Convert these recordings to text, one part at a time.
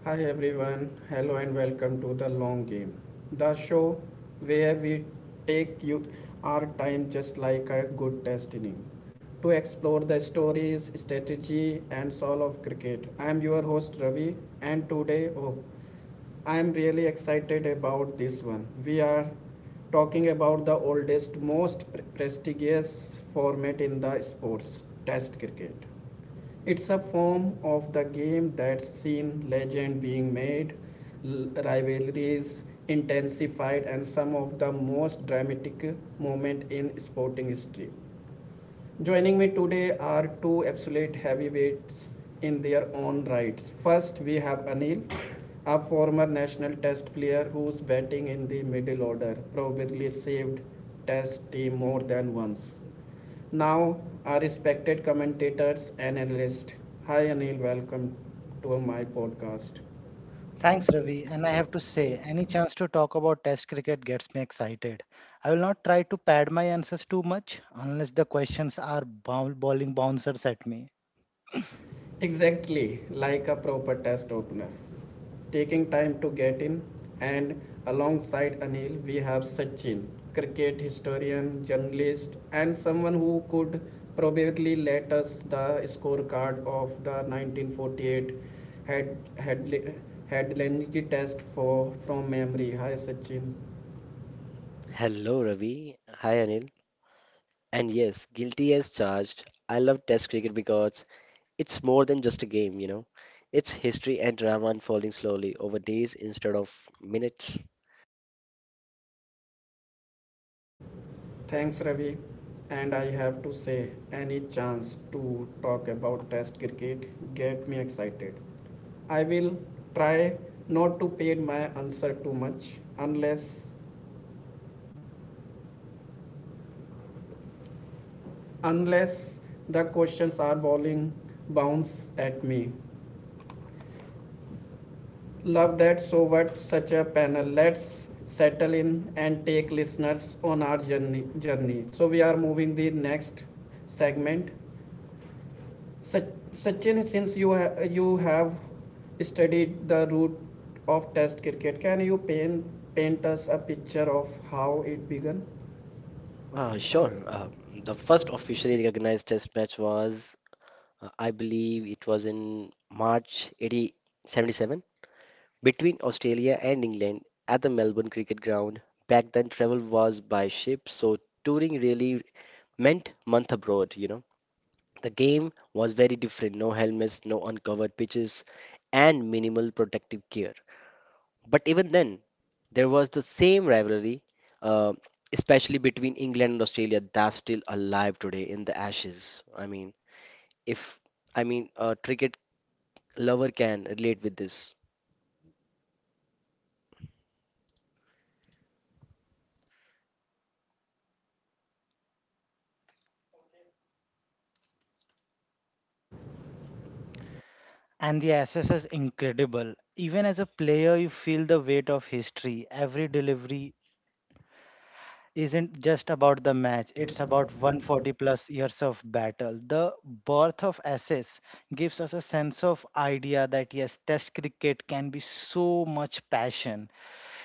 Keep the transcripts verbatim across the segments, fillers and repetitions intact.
Hi everyone, hello and welcome to The Long Game, the show where we take you our time just like a good test inning to explore the stories, strategy, and soul of cricket. I am your host Ravi, and today, oh, I am really excited about this one. We are talking about the oldest, most pre- prestigious format in the sports, Test cricket. It's a form of the game that's seen legend being made, rivalries intensified, and some of the most dramatic moment in sporting history. Joining me today are two absolute heavyweights in their own rights. First, we have Anil, a former national test player who's batting in the middle order, probably saved test team more than once. Now, our respected commentators and analysts. Hi, Anil. Welcome to my podcast. Thanks, Ravi. And I have to say, any chance to talk about Test cricket gets me excited. I will not try to pad my answers too much unless the questions are bowl- bowling bouncers at me. Exactly like a proper test opener. Taking time to get in, and alongside Anil, we have Sachin, cricket historian, journalist, and someone who could probably let us the scorecard of the nineteen forty-eight head, head, headland test for from memory. Hi, Sachin. Hello, Ravi. Hi, Anil. And yes, guilty as charged. I love Test cricket because it's more than just a game, you know. It's history and drama unfolding slowly over days instead of minutes. Thanks, Ravi. And I have to say, any chance to talk about Test cricket get me excited. I will try not to pay my answer too much, unless unless the questions are bowling bounce at me. Love that so what such a panel. Let's settle in and take listeners on our journey journey. So we are moving the next segment. Sach- Sachin, since you ha- you have studied the root of Test cricket, can you paint paint us a picture of how it began? Uh, sure. Uh, the first officially recognized Test match was, uh, I believe, it was in eighty, seventy-seven between Australia and England at the Melbourne Cricket Ground. Back then, travel was by ship, so touring really meant month abroad, you know. The game was very different: no helmets, no uncovered pitches, and minimal protective care. But even then, there was the same rivalry, uh, especially between England and Australia, that's still alive today in the Ashes. I mean, if I mean a cricket lover can relate with this. And the access is incredible. Even as a player, you feel the weight of history. Every delivery isn't just about the match, it's about one hundred forty plus years of battle. The birth of S S gives us a sense of idea that yes, Test cricket can be so much passion.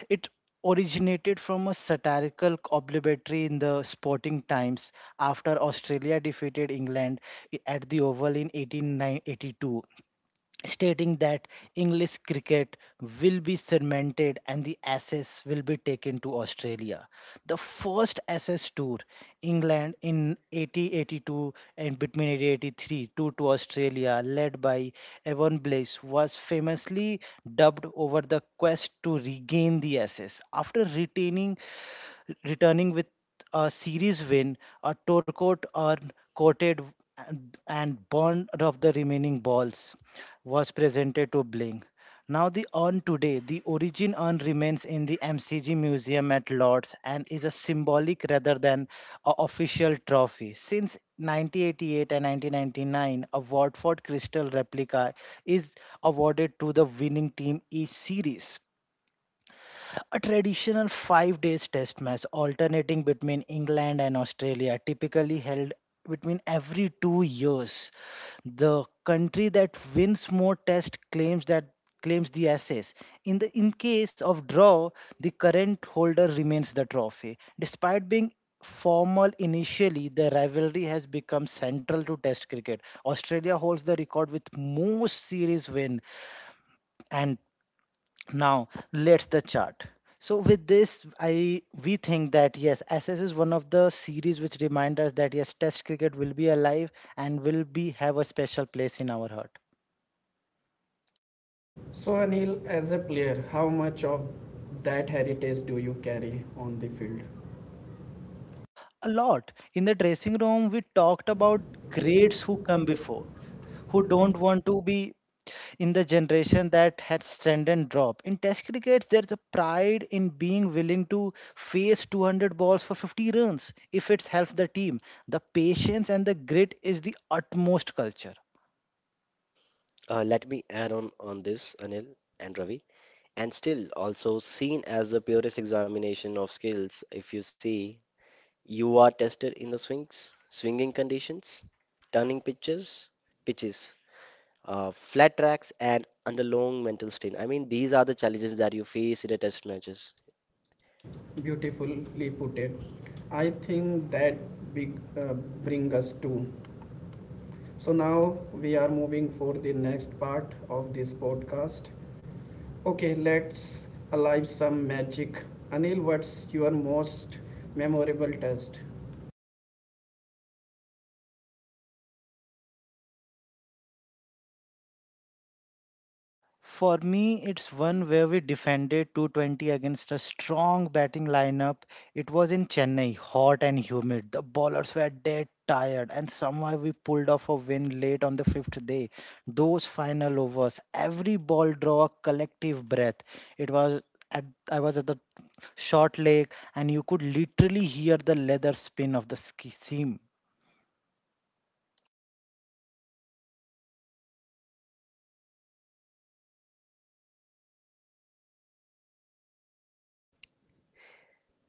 It originated from a satirical obituary in the Sporting Times after Australia defeated England i- at the Oval in eighteen eighty-two, stating that English cricket will be cemented and the Ashes will be taken to Australia. The first Ashes tour, England in eighteen eighty-two and between eighteen eighty-three to, to Australia, led by Evan Blaze, was famously dubbed over the quest to regain the Ashes after retaining returning with a series win. A Torquote urn coated and and burned of the remaining balls was presented to Bling. Now the urn today, the origin urn remains in the M C G Museum at Lord's and is a symbolic rather than a official trophy. Since nineteen eighty-eight and nineteen ninety-nine, a Watford Crystal replica is awarded to the winning team each series. A traditional five days test match alternating between England and Australia, typically held between every two years. The country that wins more test claims that claims the ashes. In the in case of draw, the current holder remains the trophy. Despite being formal initially, the rivalry has become central to test cricket. Australia holds the record with most series win, and now, let's the chart. So with this, I we think that yes, S S is one of the series which remind us that yes, Test cricket will be alive and will be have a special place in our heart. So Anil, as a player, how much of that heritage do you carry on the field? A lot in the dressing room, we talked about greats who come before, who don't want to be in the generation that had strengthened drop. In test cricket, there's a pride in being willing to face two hundred balls for fifty runs if it helps the team. The patience and the grit is the utmost culture. Uh, let me add on on this, Anil and Ravi, and still also seen as the purest examination of skills. If you see, You are tested in the swings, swinging conditions, turning pitches, pitches, uh, flat tracks, and under long mental strain. I mean, these are the challenges that you face in the test matches. Beautifully put it. I think that big uh, bring us to. So now we are moving for the next part of this podcast. Okay, let's alive some magic. Anil, what's your most memorable test? For me, it's one where we defended two hundred twenty against a strong batting lineup. It was in Chennai, hot and humid. The bowlers were dead tired, and somehow we pulled off a win late on the fifth day. Those final overs, every ball draw a collective breath. It was at, I was at the short leg, and you could literally hear the leather spin of the ski seam.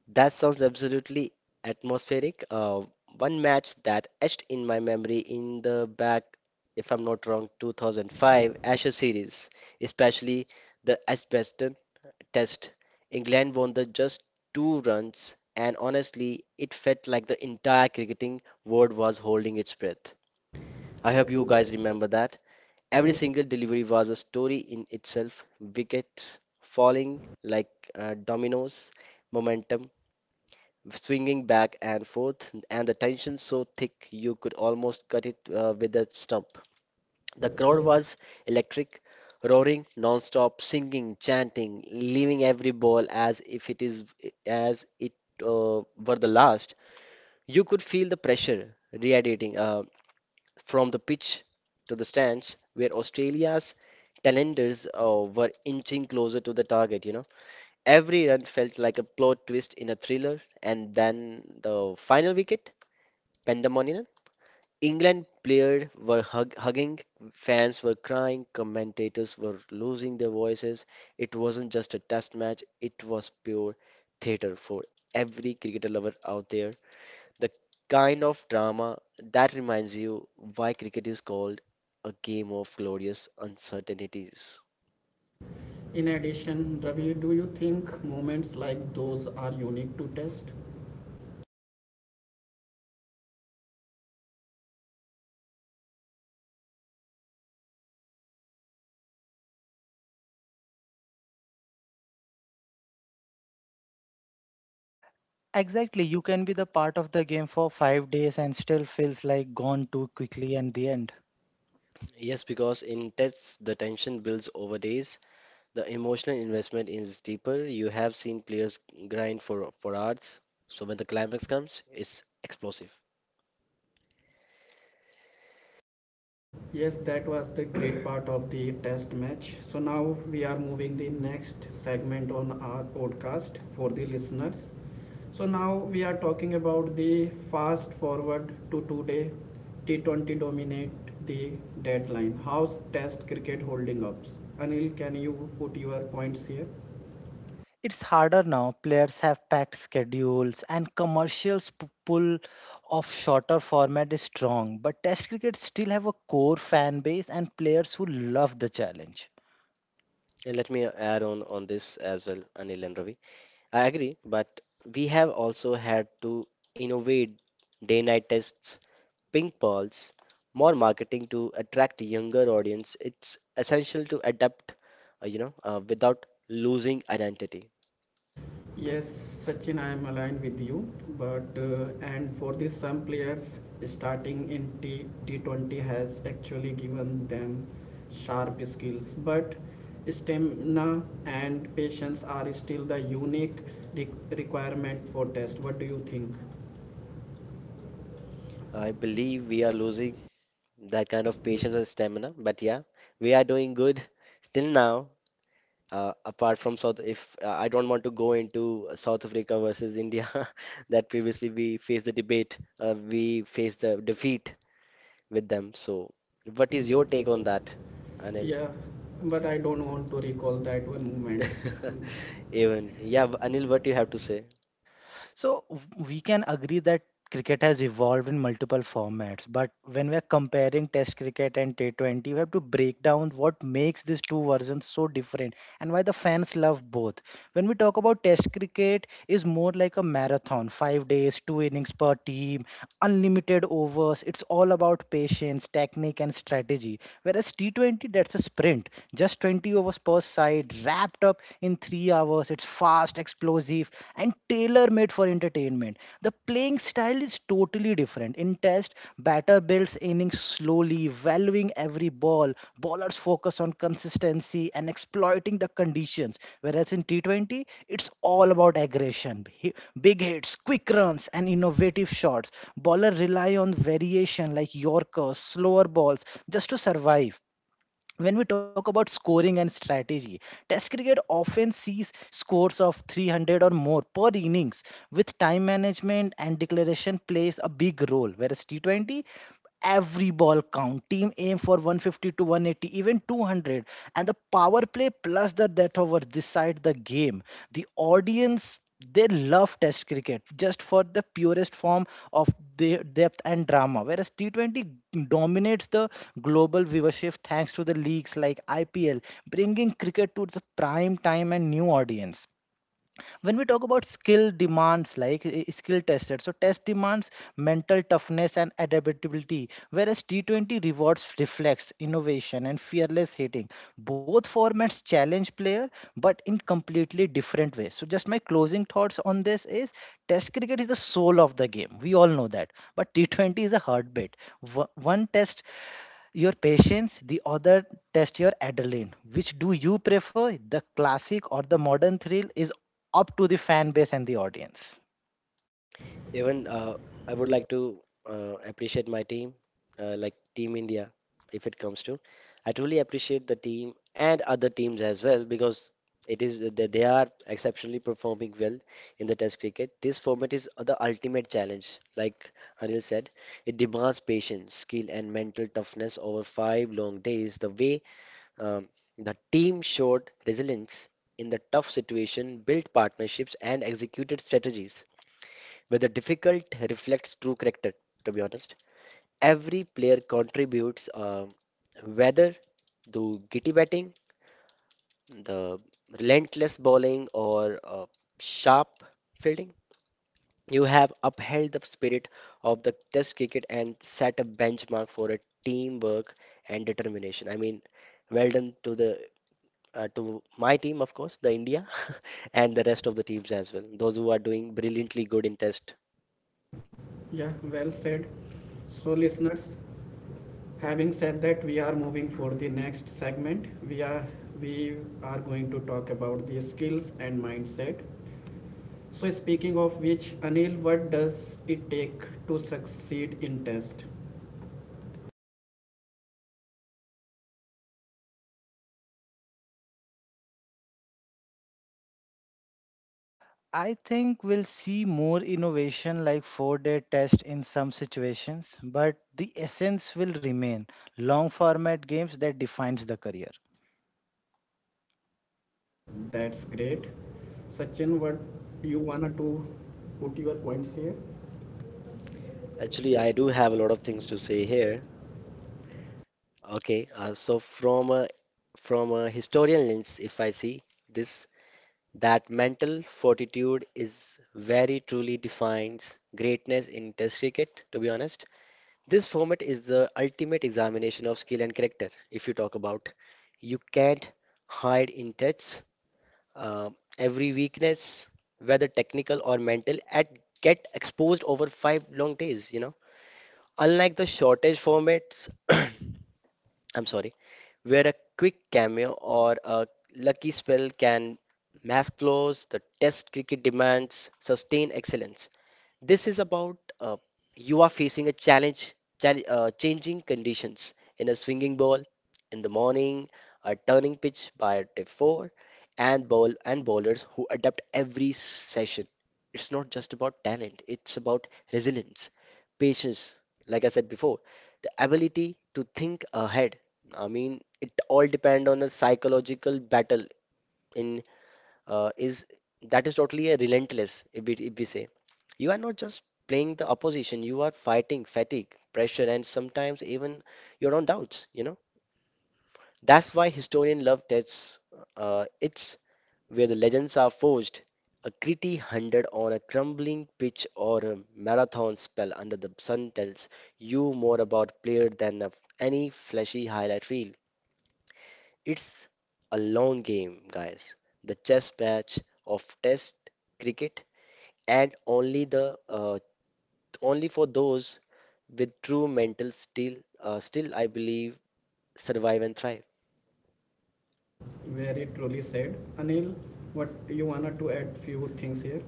That sounds absolutely atmospheric. Uh, one match that etched in my memory in the back, if I'm not wrong, two thousand five Ashes series, especially the Asbeston Test. England won the just two runs, and honestly, it felt like the entire cricketing world was holding its breath. I hope you guys remember that. Every single delivery was a story in itself. Wickets falling like uh, dominoes, momentum swinging back and forth, and the tension so thick you could almost cut it uh, with a stump. The crowd was electric, roaring non-stop, singing, chanting, leaving every ball as if it is as it uh, were the last. You could feel the pressure radiating uh, from the pitch to the stands, where Australia's talenders uh, were inching closer to the target. You know. Every run felt like a plot twist in a thriller, and then the final wicket, pandemonium. England players were hug hugging, fans were crying, commentators were losing their voices. It wasn't just a test match, it was pure theatre for every cricketer lover out there. The kind of drama that reminds you why cricket is called a game of glorious uncertainties. In addition, Ravi, do you think moments like those are unique to test? Exactly, you can be the part of the game for five days and still feels like gone too quickly at the end. Yes, because in tests, the tension builds over days. The emotional investment is deeper. You have seen players grind for for hours, so when the climax comes, it's explosive. Yes, that was the great part of the test match. So now we are moving the next segment on our podcast for the listeners. So now we are talking about the fast forward to today. T twenty dominate the deadline. How's test cricket holding up? Anil, can you put your points here? It's harder now. Players have packed schedules and commercials p- pull of shorter format is strong, but Test cricket still have a core fan base and players who love the challenge. And let me add on on this as well, Anil and Ravi. I agree, but we have also had to innovate day-night tests, ping balls, more marketing to attract a younger audience. It's essential to adapt, uh, you know, uh, without losing identity. Yes, Sachin, I am aligned with you, but uh, and for this, some players starting in T T20 has actually given them sharp skills, but stamina and patience are still the unique re- requirement for test. What do you think? I believe we are losing that kind of patience and stamina. But yeah, we are doing good still now. Uh, apart from South, if uh, I don't want to go into South Africa versus India, that previously we faced the debate, uh, we faced the defeat with them. So, what is your take on that, Anil? Yeah, but I don't want to recall that one moment. Even, yeah, Anil, what do you have to say? So w- we can agree that cricket has evolved in multiple formats, but when we're comparing Test cricket and T twenty, we have to break down what makes these two versions so different and why the fans love both. When we talk about test cricket is more like a marathon, five days, two innings per team, unlimited overs. It's all about patience, technique and strategy. Whereas T twenty, that's a sprint, just twenty overs per side wrapped up in three hours. It's fast, explosive and tailor made for entertainment. The playing style is totally different. In test, batter builds innings slowly, valuing every ball. Bowlers focus on consistency and exploiting the conditions. Whereas in T twenty, it's all about aggression. Hi- Big hits, quick runs, and innovative shots. Bowlers rely on variation like Yorkers, slower balls, just to survive. When we talk about scoring and strategy, Test cricket often sees scores of three hundred or more per innings, with time management and declaration plays a big role. Whereas T twenty, every ball count. Team aim for one fifty to one eighty, even two hundred, and the power play plus the death over decide the game. The audience, they love test cricket just for the purest form of the depth and drama, whereas T twenty dominates the global viewership thanks to the leagues like I P L, bringing cricket to its prime time and new audience. When we talk about skill demands, like uh, skill tested, so test demands mental toughness and adaptability, whereas T twenty rewards reflex innovation and fearless hitting. Both formats challenge player but in completely different ways. So just my closing thoughts on this is test cricket is the soul of the game, we all know that, but T twenty is a heartbeat. Wo- one test your patience, the other test your adrenaline. Which do you prefer, the classic or the modern thrill, is up to the fan base and the audience. Even uh, I would like to uh, appreciate my team, uh, like Team India, if it comes to. I truly appreciate the team and other teams as well because it is they they are exceptionally performing well in the Test cricket. This format is the ultimate challenge, like Anil said. It demands patience, skill, and mental toughness over five long days. The way, um, the team showed resilience in the tough situation, built partnerships, and executed strategies whether difficult reflects true character, to be honest. Every player contributes, um, whether the gritty batting, the relentless bowling, or uh, sharp fielding, you have upheld the spirit of the Test cricket and set a benchmark for a teamwork and determination. I mean, well done to the uh, to my team, of course, the India, and the rest of the teams as well, those who are doing brilliantly good in test. Yeah, well said. So, listeners, having said that, we are moving for the next segment. We are we are going to talk about the skills and mindset. So speaking of which, Anil, what does it take to succeed in test? I think we'll see more innovation like four day test in some situations, but the essence will remain long format games that defines the career. That's great. Sachin, what you wanted to put your points here? Actually, I do have a lot of things to say here. Okay, uh, so from a from a historian lens, if I see this, that mental fortitude is very truly defines greatness in Test cricket. To be honest, this format is the ultimate examination of skill and character. If you talk about, you can't hide in tests. Um every weakness, whether technical or mental, at get exposed over five long days. You know, unlike the shortage formats. I'm sorry, where a quick cameo or a lucky spell can mask flaws, the Test cricket demands sustained excellence. This is about, uh, you are facing a challenge, chal- uh, changing conditions in a swinging ball in the morning, a turning pitch by day four, and ball and bowlers who adapt every session. It's not just about talent; it's about resilience, patience. Like I said before, the ability to think ahead. I mean, it all depend on a psychological battle in, uh, is that is totally a relentless. If we, if we say, you are not just playing the opposition, you are fighting fatigue, pressure, and sometimes even your own doubts you know That's why historian love tests. Uh, it's where the legends are forged. A gritty hundred on a crumbling pitch or a marathon spell under the sun tells you more about player than of any flashy highlight reel. It's a long game, guys. The chess match of Test cricket, and only the uh, only for those with true mental steel. Uh, still, I believe survive and thrive. Very truly said. Anil, what you wanted to add few things here?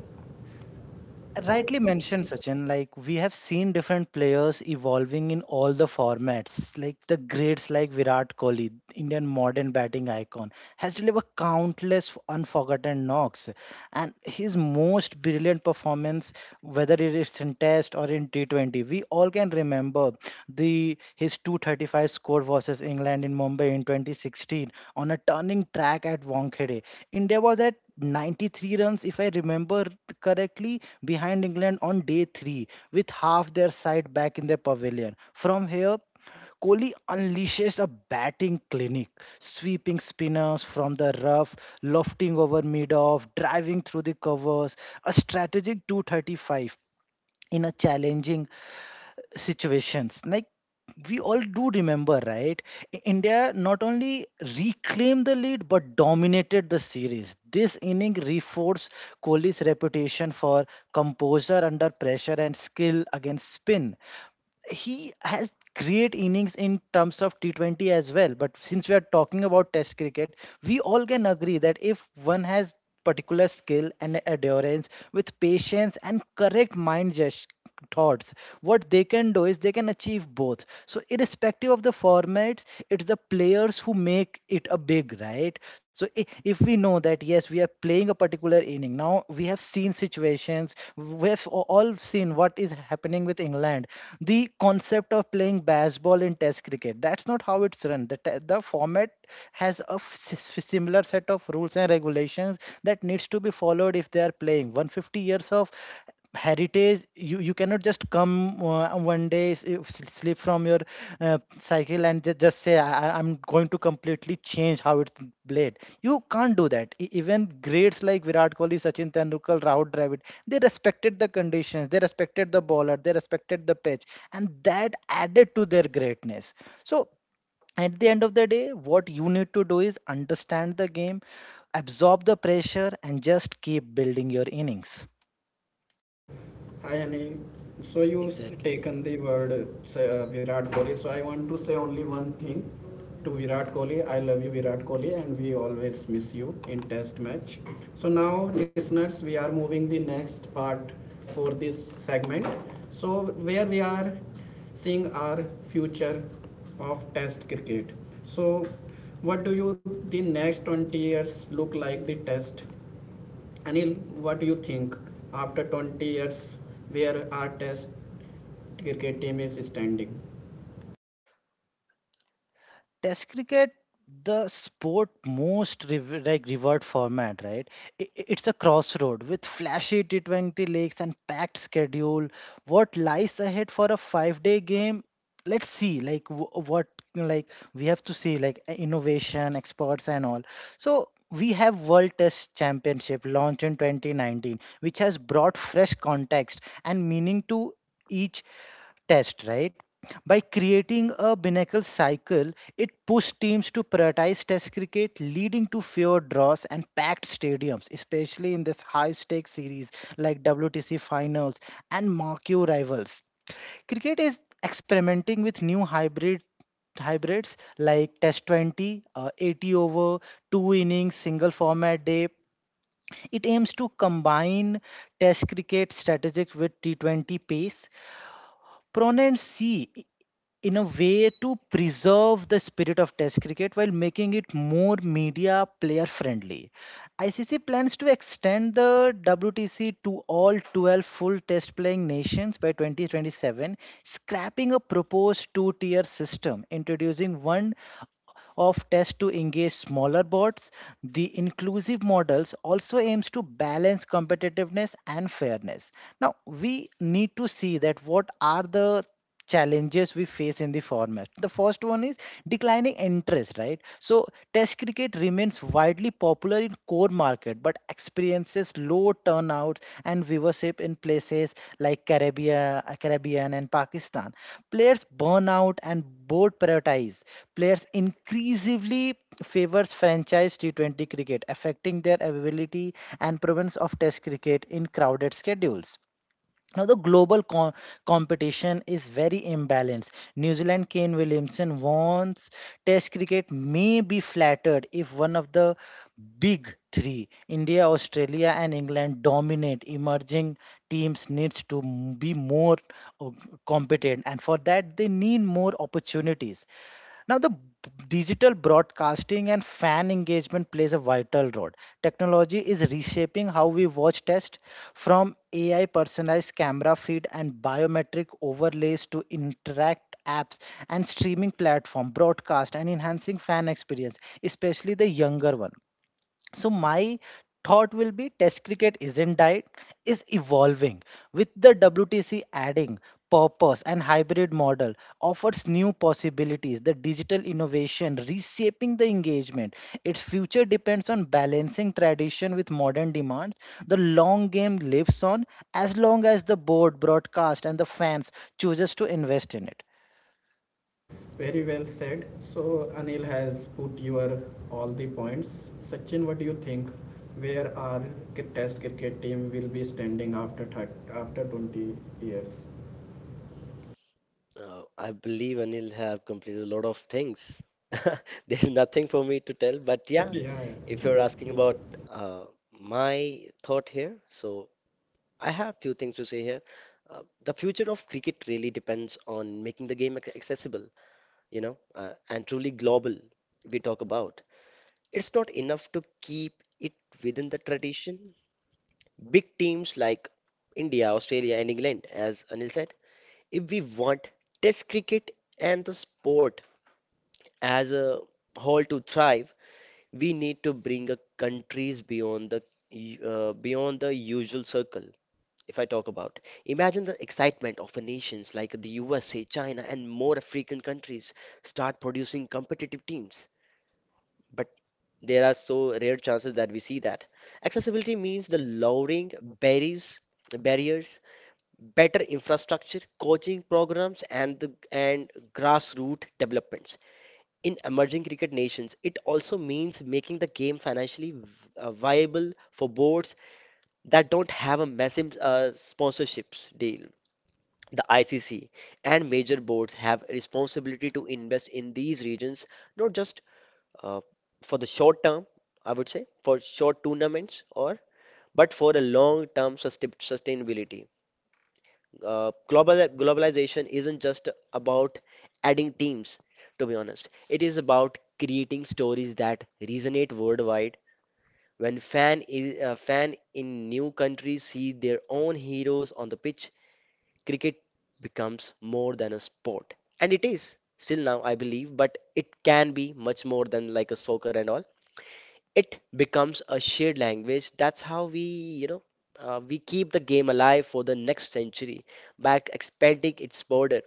Rightly mentioned Sachin, like we have seen different players evolving in all the formats, like the greats like Virat Kohli, Indian modern batting icon, has delivered countless unforgotten knocks and his most brilliant performance whether it is in test or in T twenty. We all can remember the his two hundred thirty-five score versus England in Mumbai in twenty sixteen on a turning track at Wankhede. India was at ninety-three runs, if I remember correctly, behind England on day three, with half their side back in their pavilion. From here, Kohli unleashes a batting clinic, sweeping spinners from the rough, lofting over mid-off, driving through the covers, a strategic two thirty-five in a challenging situations. Like we all do remember, right? I- India not only reclaimed the lead but dominated the series. This inning reinforced Kohli's reputation for composure under pressure and skill against spin. He has great innings in terms of T twenty as well. But since we are talking about Test cricket, we all can agree that if one has particular skill and endurance with patience and correct mind gest- thoughts, what they can do is they can achieve both. So irrespective of the formats, it's the players who make it a big, right right so i- if we know that yes, we are playing a particular inning now. We have seen situations. We have a- all seen what is happening with England. The concept of playing baseball in test cricket, that's not how it's run. The, te- the format has a f- s- s- similar set of rules and regulations that needs to be followed. If they are playing one hundred fifty years of heritage, you you cannot just come, uh, one day s- you s- slip from your uh, cycle and just, just say, I, I- I'm going to completely change how it's played. You can't do that. E- even greats like Virat Kohli, Sachin Tendulkar, Rahul Dravid, they respected the conditions, they respected the bowler, they respected the pitch, and that added to their greatness. So at the end of the day, what you need to do is understand the game, absorb the pressure, and just keep building your innings. Hi Anil. So you s- Exactly. taken the word say, uh, Virat Kohli. So I want to say only one thing to Virat Kohli. I love you, Virat Kohli, and we always miss you in Test match. So now, listeners, we are moving the next part for this segment. So where we are seeing our future of Test cricket. So what do you the next twenty years look like the Test. Anil, what do you think? After twenty years, where our test cricket team is standing? Test cricket, the sport most rev- like revered format, right? I- i- It's a crossroad with flashy T twenty leagues and packed schedule. What lies ahead for a five-day game? Let's see, like wh- what, like we have to see, like uh, innovation, experts, and all. So we have World Test Championship launched in twenty nineteen, which has brought fresh context and meaning to each test, right? By creating a binnacle cycle, it pushed teams to prioritize Test cricket, leading to fewer draws and packed stadiums, especially in this high stakes series like W T C finals and marquee rivals. Cricket is experimenting with new hybrid hybrids like Test twenty, uh, eighty over, two innings, single format day. It aims to combine Test cricket strategic with T twenty pace. Proponents see in a way to preserve the spirit of test cricket while making it more media player friendly. I C C plans to extend the W T C to all twelve full test playing nations by twenty twenty-seven, scrapping a proposed two tier system, introducing one of tests to engage smaller boards. The inclusive models also aims to balance competitiveness and fairness. Now we need to see that what are the challenges we face in the format. The first one is declining interest, right? So test cricket remains widely popular in core market but experiences low turnouts and viewership in places like Caribbean, Caribbean and Pakistan. Players burn out and board prioritize. Players increasingly favors franchise T twenty cricket affecting their availability and prevalence of test cricket in crowded schedules. Now, the global co- competition is very imbalanced. New Zealand Kane Williamson wants Test cricket may be flattered if one of the big three, India, Australia, and England, dominate. Emerging teams needs to m- be more uh, competent, and for that they need more opportunities. Now, the digital broadcasting and fan engagement plays a vital role. Technology is reshaping how we watch test, from A I personalized camera feed and biometric overlays to interact apps and streaming platform broadcast, and enhancing fan experience, especially the younger one. So my thought will be test cricket isn't died, is evolving. With the W T C adding purpose and hybrid model offers new possibilities, the digital innovation reshaping the engagement, its future depends on balancing tradition with modern demands. The long game lives on as long as the board broadcast and the fans chooses to invest in it. Very well said. So Anil has put your all the points. Sachin, what do you think? Where our test cricket team will be standing after after twenty years? Uh, I believe Anil have completed a lot of things. There's nothing for me to tell, but Yeah, yeah, if you're yeah. asking about uh, my thought here, so I have few things to say here. Uh, the future of cricket really depends on making the game ac- accessible, you know, uh, and truly global. We talk about it's not enough to keep it within the tradition. Big teams like India, Australia, and England, as Anil said, if we want Test cricket and the sport as a whole to thrive, we need to bring a countries beyond the u- uh, beyond the usual circle. If I talk about. Imagine the excitement of a nations like the U S A, China, and more African countries start producing competitive teams. But there are so rare chances that we see that. Accessibility means the lowering barriers, barriers, better infrastructure, coaching programs, and the and grassroots developments. In emerging cricket nations, it also means making the game financially v- uh, viable for boards that don't have a massive uh, sponsorships deal. The I C C and major boards have a responsibility to invest in these regions, not just uh, for the short term, I would say, for short tournaments or but for a long-term sustain- sustainability. Uh, global globalization isn't just about adding teams, to be honest. It is about creating stories that resonate worldwide. When fan is, uh, fan in new countries see their own heroes on the pitch, cricket becomes more than a sport. And it is still now, I believe, but it can be much more than like a soccer and all. It becomes a shared language. That's how we, you know, uh, we keep the game alive for the next century by expanding its border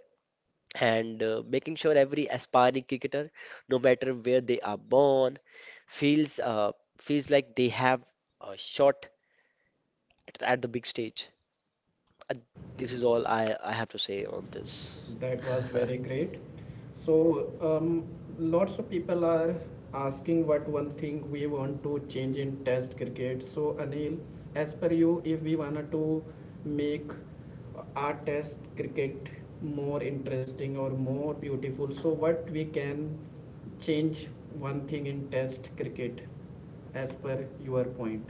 and uh, making sure every aspiring cricketer, no matter where they are born, feels uh, feels like they have a shot at, at the big stage. Uh, This is all I, I have to say on this. That was very great. So, um, lots of people are asking what one thing we want to change in Test cricket. So, Anil, as per you, if we wanted to make our Test cricket more interesting or more beautiful, so what we can change one thing in Test cricket, as per your point.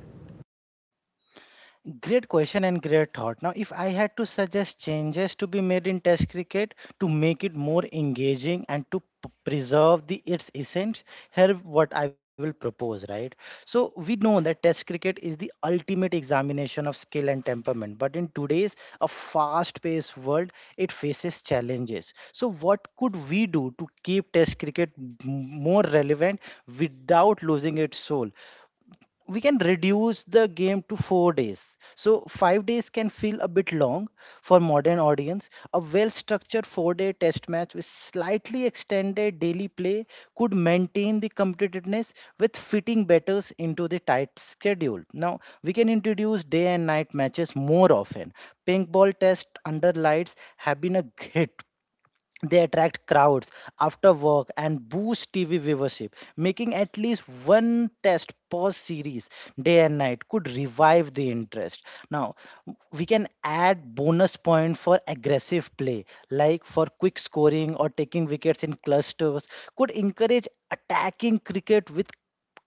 Great question and great thought. Now, if I had to suggest changes to be made in Test cricket to make it more engaging and to p- preserve the its essence, here what I will propose, right? So we know that Test cricket is the ultimate examination of skill and temperament, but in today's a fast-paced world, it faces challenges. So what could we do to keep Test cricket m- more relevant without losing its soul? We can reduce the game to four days. So five days can feel a bit long for modern audience. A well-structured four-day test match with slightly extended daily play could maintain the competitiveness with fitting batters into the tight schedule. Now we can introduce day and night matches more often. Pink ball test under lights have been a hit. They attract crowds after work and boost T V viewership. Making at least one test per series day and night could revive the interest. Now, we can add bonus point for aggressive play, like for quick scoring or taking wickets in clusters, could encourage attacking cricket with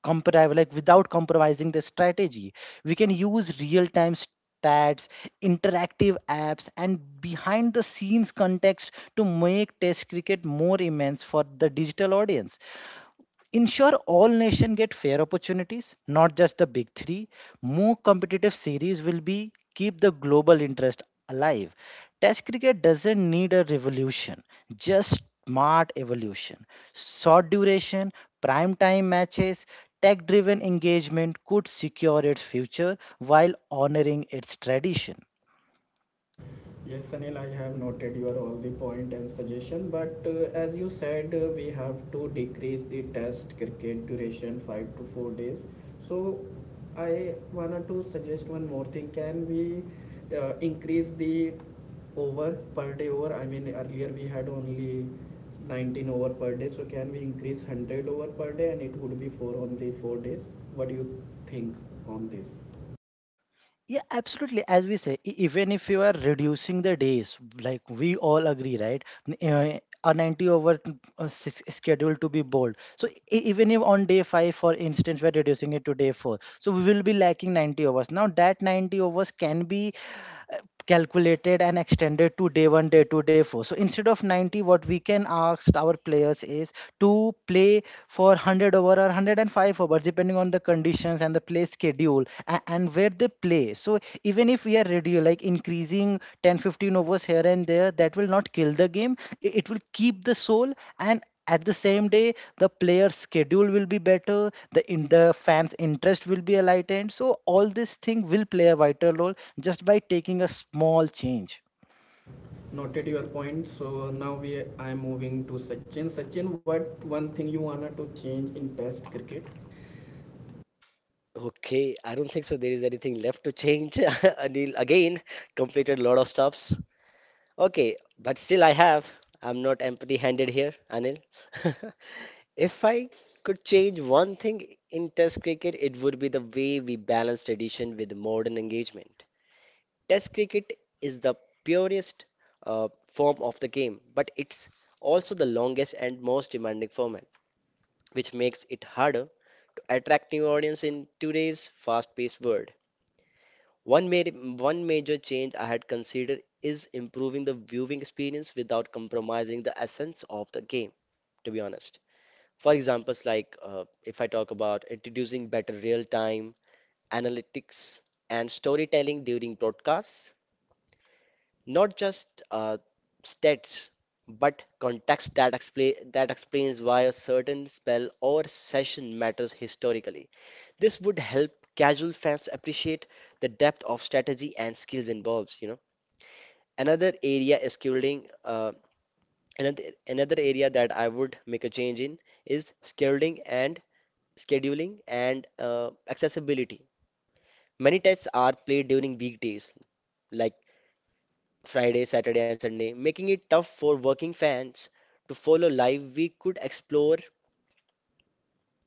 comparable, like, without compromising the strategy. We can use real time stats, interactive apps and behind the scenes context to make test cricket more immense for the digital audience. Ensure all nations get fair opportunities, not just the big three. More competitive series will be keep the global interest alive. Test cricket doesn't need a revolution, just smart evolution. Short duration, prime time matches, tech driven engagement could secure its future while honoring its tradition. Yes, Sanil, I have noted your all the point and suggestion, but uh, as you said, uh, we have to decrease the test cricket duration five to four days. So I wanted to suggest one more thing. Can we uh, increase the over per day over? I mean, earlier we had only nineteen over per day. So can we increase one hundred over per day and it would be four on the four days? What do you think on this? Yeah, absolutely. As we say, e- even if you are reducing the days, like we all agree, right? N- eh, A ninety over t- uh, s- schedule to be bold. So e- even if on day five, for instance, we're reducing it to day four, so we will be lacking ninety overs. Now that ninety overs can be uh, calculated and extended to day one, day two, day four. So instead of ninety, what we can ask our players is to play for one hundred over or one hundred five overs, depending on the conditions and the play schedule and, and where they play. So even if we are ready, like increasing ten, fifteen overs here and there, that will not kill the game. It, it will keep the soul, and at the same day the player's schedule will be better, the in the fans interest will be enlightened. So all this thing will play a vital role just by taking a small change. Noted your point. So now we I am moving to Sachin. Sachin, what one thing you wanted to change in Test cricket? Okay, I don't think so. There is anything left to change. Anil again completed a lot of stops. Okay, but still I have. I'm not empty-handed here, Anil. If I could change one thing in Test cricket, it would be the way we balance tradition with modern engagement. Test cricket is the purest uh, form of the game, but it's also the longest and most demanding format, which makes it harder to attract new audience in today's fast-paced world. One, ma- one major change I had considered is improving the viewing experience without compromising the essence of the game, to be honest. For examples, like uh, if I talk about introducing better real time analytics and storytelling during broadcasts, not just uh, stats, but context that, expla- that explains why a certain spell or session matters historically. This would help casual fans appreciate the depth of strategy and skills involved, you know. Another area is shielding. Uh, another another area that I would make a change in is scheduling and scheduling and uh, accessibility. Many tests are played during weekdays, like Friday, Saturday, and Sunday, making it tough for working fans to follow live. We could explore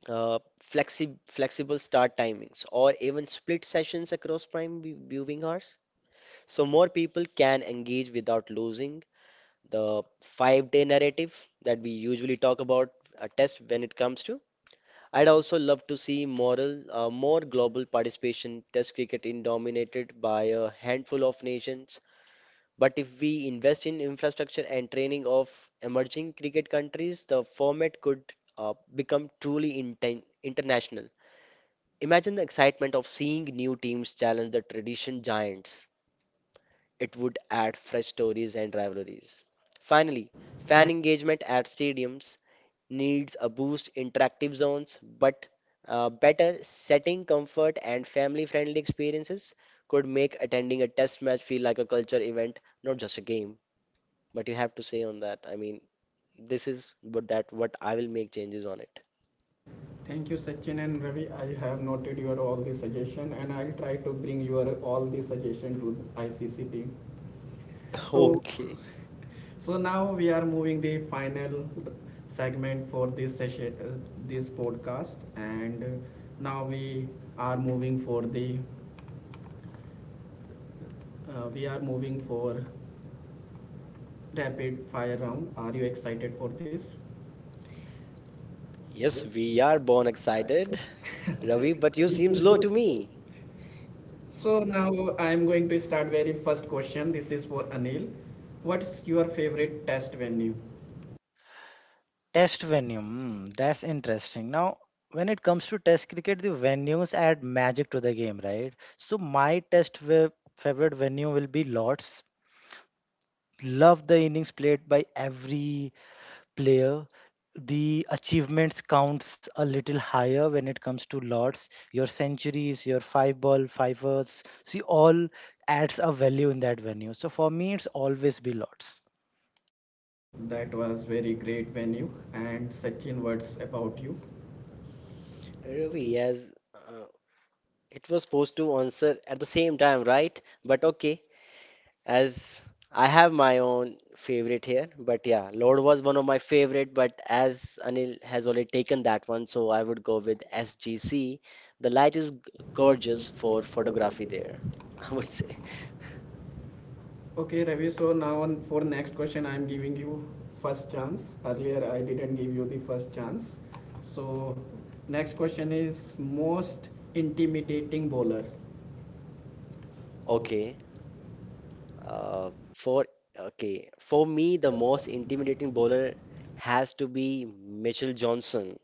uh, flexi flexible start timings or even split sessions across prime vi- viewing hours, so more people can engage without losing the five day narrative that we usually talk about a test when it comes to. I'd also love to see moral, uh, more global participation, test cricket in dominated by a handful of nations. But if we invest in infrastructure and training of emerging cricket countries, the format could uh, become truly inten international. Imagine the excitement of seeing new teams challenge the tradition giants. It would add fresh stories and rivalries. Finally, Thank fan engagement at stadiums needs a boost, interactive zones, but uh, better setting comfort and family-friendly experiences could make attending a test match feel like a culture event, not just a game. But you have to say on that. I mean, this is what that what I will make changes on it. you, Sachin and Ravi. I have noted your all the suggestion, and I'll try to bring your all the suggestion to the I C C team. So, Okay. so now we are moving the final segment for this session, uh, this podcast, and uh, now we are moving for the uh, we are moving for rapid fire round. Are you excited for this? Yes, we are born excited. Ravi, but you seems low to me. So now I am going to start very first question. This is for Anil. What's your favorite test venue? Test venue, mm, that's interesting. Now, when it comes to test cricket, the venues add magic to the game, right? So, my test ve- favorite venue will be Lords. Love the innings played by every player. The achievements counts a little higher when it comes to Lords. Your centuries, your five ball, fivers, see all adds a value in that venue. So for me, it's always be Lords. That was very great venue and Sachin words about you. Ravi, yes. Uh, It was supposed to answer at the same time, right? But okay, as I have my own favorite here. But yeah, Lord was one of my favorite. But as Anil has already taken that one, so I would go with S G C. The light is g- gorgeous for photography there, I would say. Okay, Ravi. So now on for next question, I am giving you first chance. Earlier I didn't give you the first chance. So next question is most intimidating bowlers. Okay, uh, for okay, for me, the most intimidating bowler has to be Mitchell Johnson.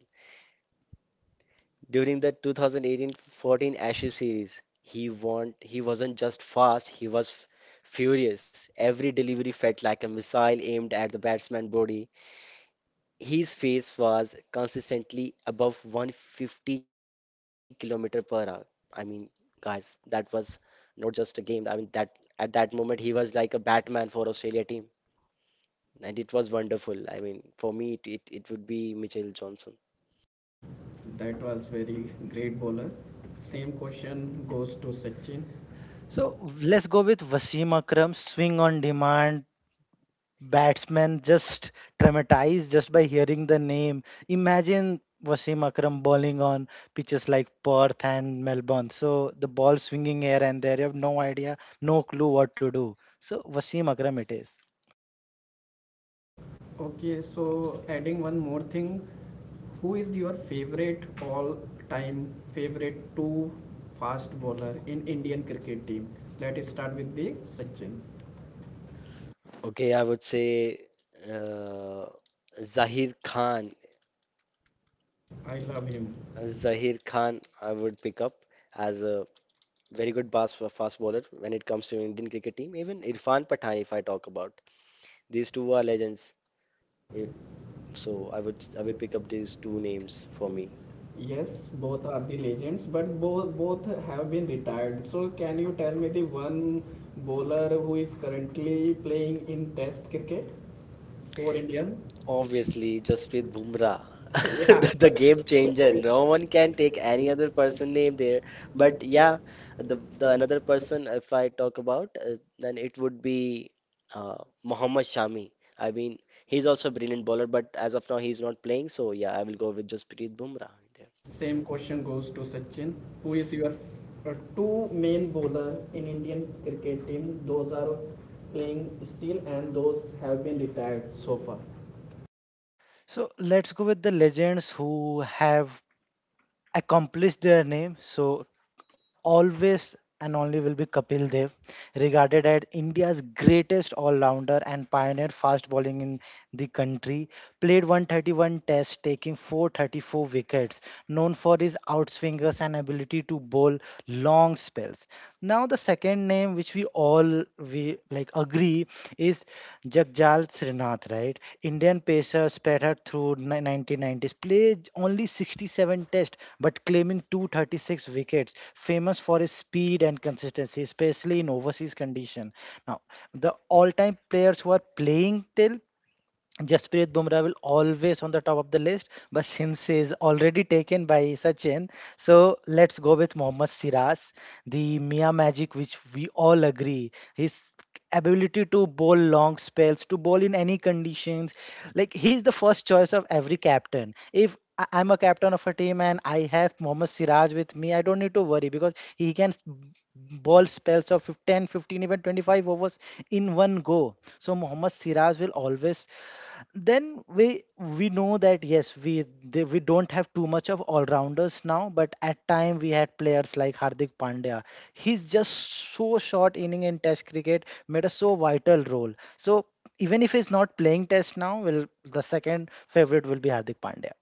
During the two thousand eighteen-fourteen Ashes series, he won, he wasn't just fast, he was f- furious. Every delivery felt like a missile aimed at the batsman's body. His pace was consistently above one hundred fifty kilometer per hour. I mean, guys, that was not just a game. I mean, that at that moment he was like a Batman for Australia team, and it was wonderful. I mean, for me, it it, it would be Mitchell Johnson. That was very great bowler. Same question goes to Sachin. So let's go with Wasim Akram, swing on demand. Batsman, just traumatized just by hearing the name. Imagine Wasim Akram bowling on pitches like Perth and Melbourne. So the ball swinging here and there, you have no idea, no clue what to do. So Wasim Akram it is. Okay, so adding one more thing, who is your favorite all-time favorite two fast bowler in Indian cricket team? Let us start with the Sachin. Okay, I would say uh, Zahir Khan. I love him. Zahir Khan, I would pick up as a very good fast fast bowler when it comes to Indian cricket team. Even Irfan Pathan, if I talk about, these two are legends. Eh, So I would I would pick up these two names for me. Yes, both are the legends, but both both have been retired. So can you tell me the one bowler who is currently playing in Test cricket for India? Obviously, Jasprit Bumrah, Yeah. the, the game changer. No one can take any other person name there. But yeah, the the another person, if I talk about, uh, then it would be uh, Mohammad Shami. I mean, he's also a brilliant bowler, but as of now, he's not playing. So yeah, I will go with Jasprit Bumrah there. Same question goes to Sachin. Who is your uh, two main bowler in Indian cricket team? Those are playing still and those have been retired so far. So let's go with the legends who have accomplished their name. So always and only will be Kapil Dev, regarded as India's greatest all-rounder and pioneer fast bowling in the country. Played one hundred thirty-one tests, taking four hundred thirty-four wickets, known for his outswingers and ability to bowl long spells. Now the second name which we all we like agree is Jagjal Srinath, right? Indian pacer spattered through ni- the nineteen nineties, played only sixty-seven tests but claiming two hundred thirty-six wickets, famous for his speed and consistency, especially in overseas condition. Now, the all-time players who are playing till, Jasprit Bumrah will always on the top of the list, but since he is already taken by Sachin, so let's go with Mohammad Siraj, the Mia Magic, which we all agree. His ability to bowl long spells, to bowl in any conditions, like he's the first choice of every captain. If I- I'm a captain of a team and I have Mohammad Siraj with me, I don't need to worry because he can s- bowl spells of fif- ten, fifteen, even twenty-five overs in one go. So Mohammad Siraj will always. Then we we know that yes we they, we don't have too much of all rounders now, but at time we had players like Hardik Pandya. He's just so short inning in test cricket made a so vital role. So even if he's not playing test now, well, the second favorite will be Hardik Pandya.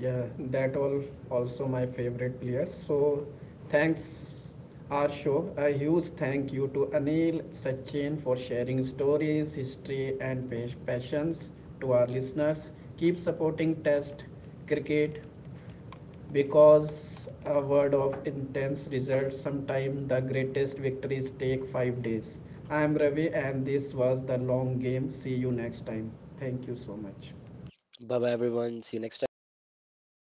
Yeah, that all also my favorite players. So thanks our show, a huge thank you to Anil, Sachin for sharing stories, history and passions. To our listeners, keep supporting test cricket because a word of intense results, sometimes the greatest victories take five days. I am Ravi and this was The Long Game. See you next time. Thank you so much. Bye bye, everyone. See you next time.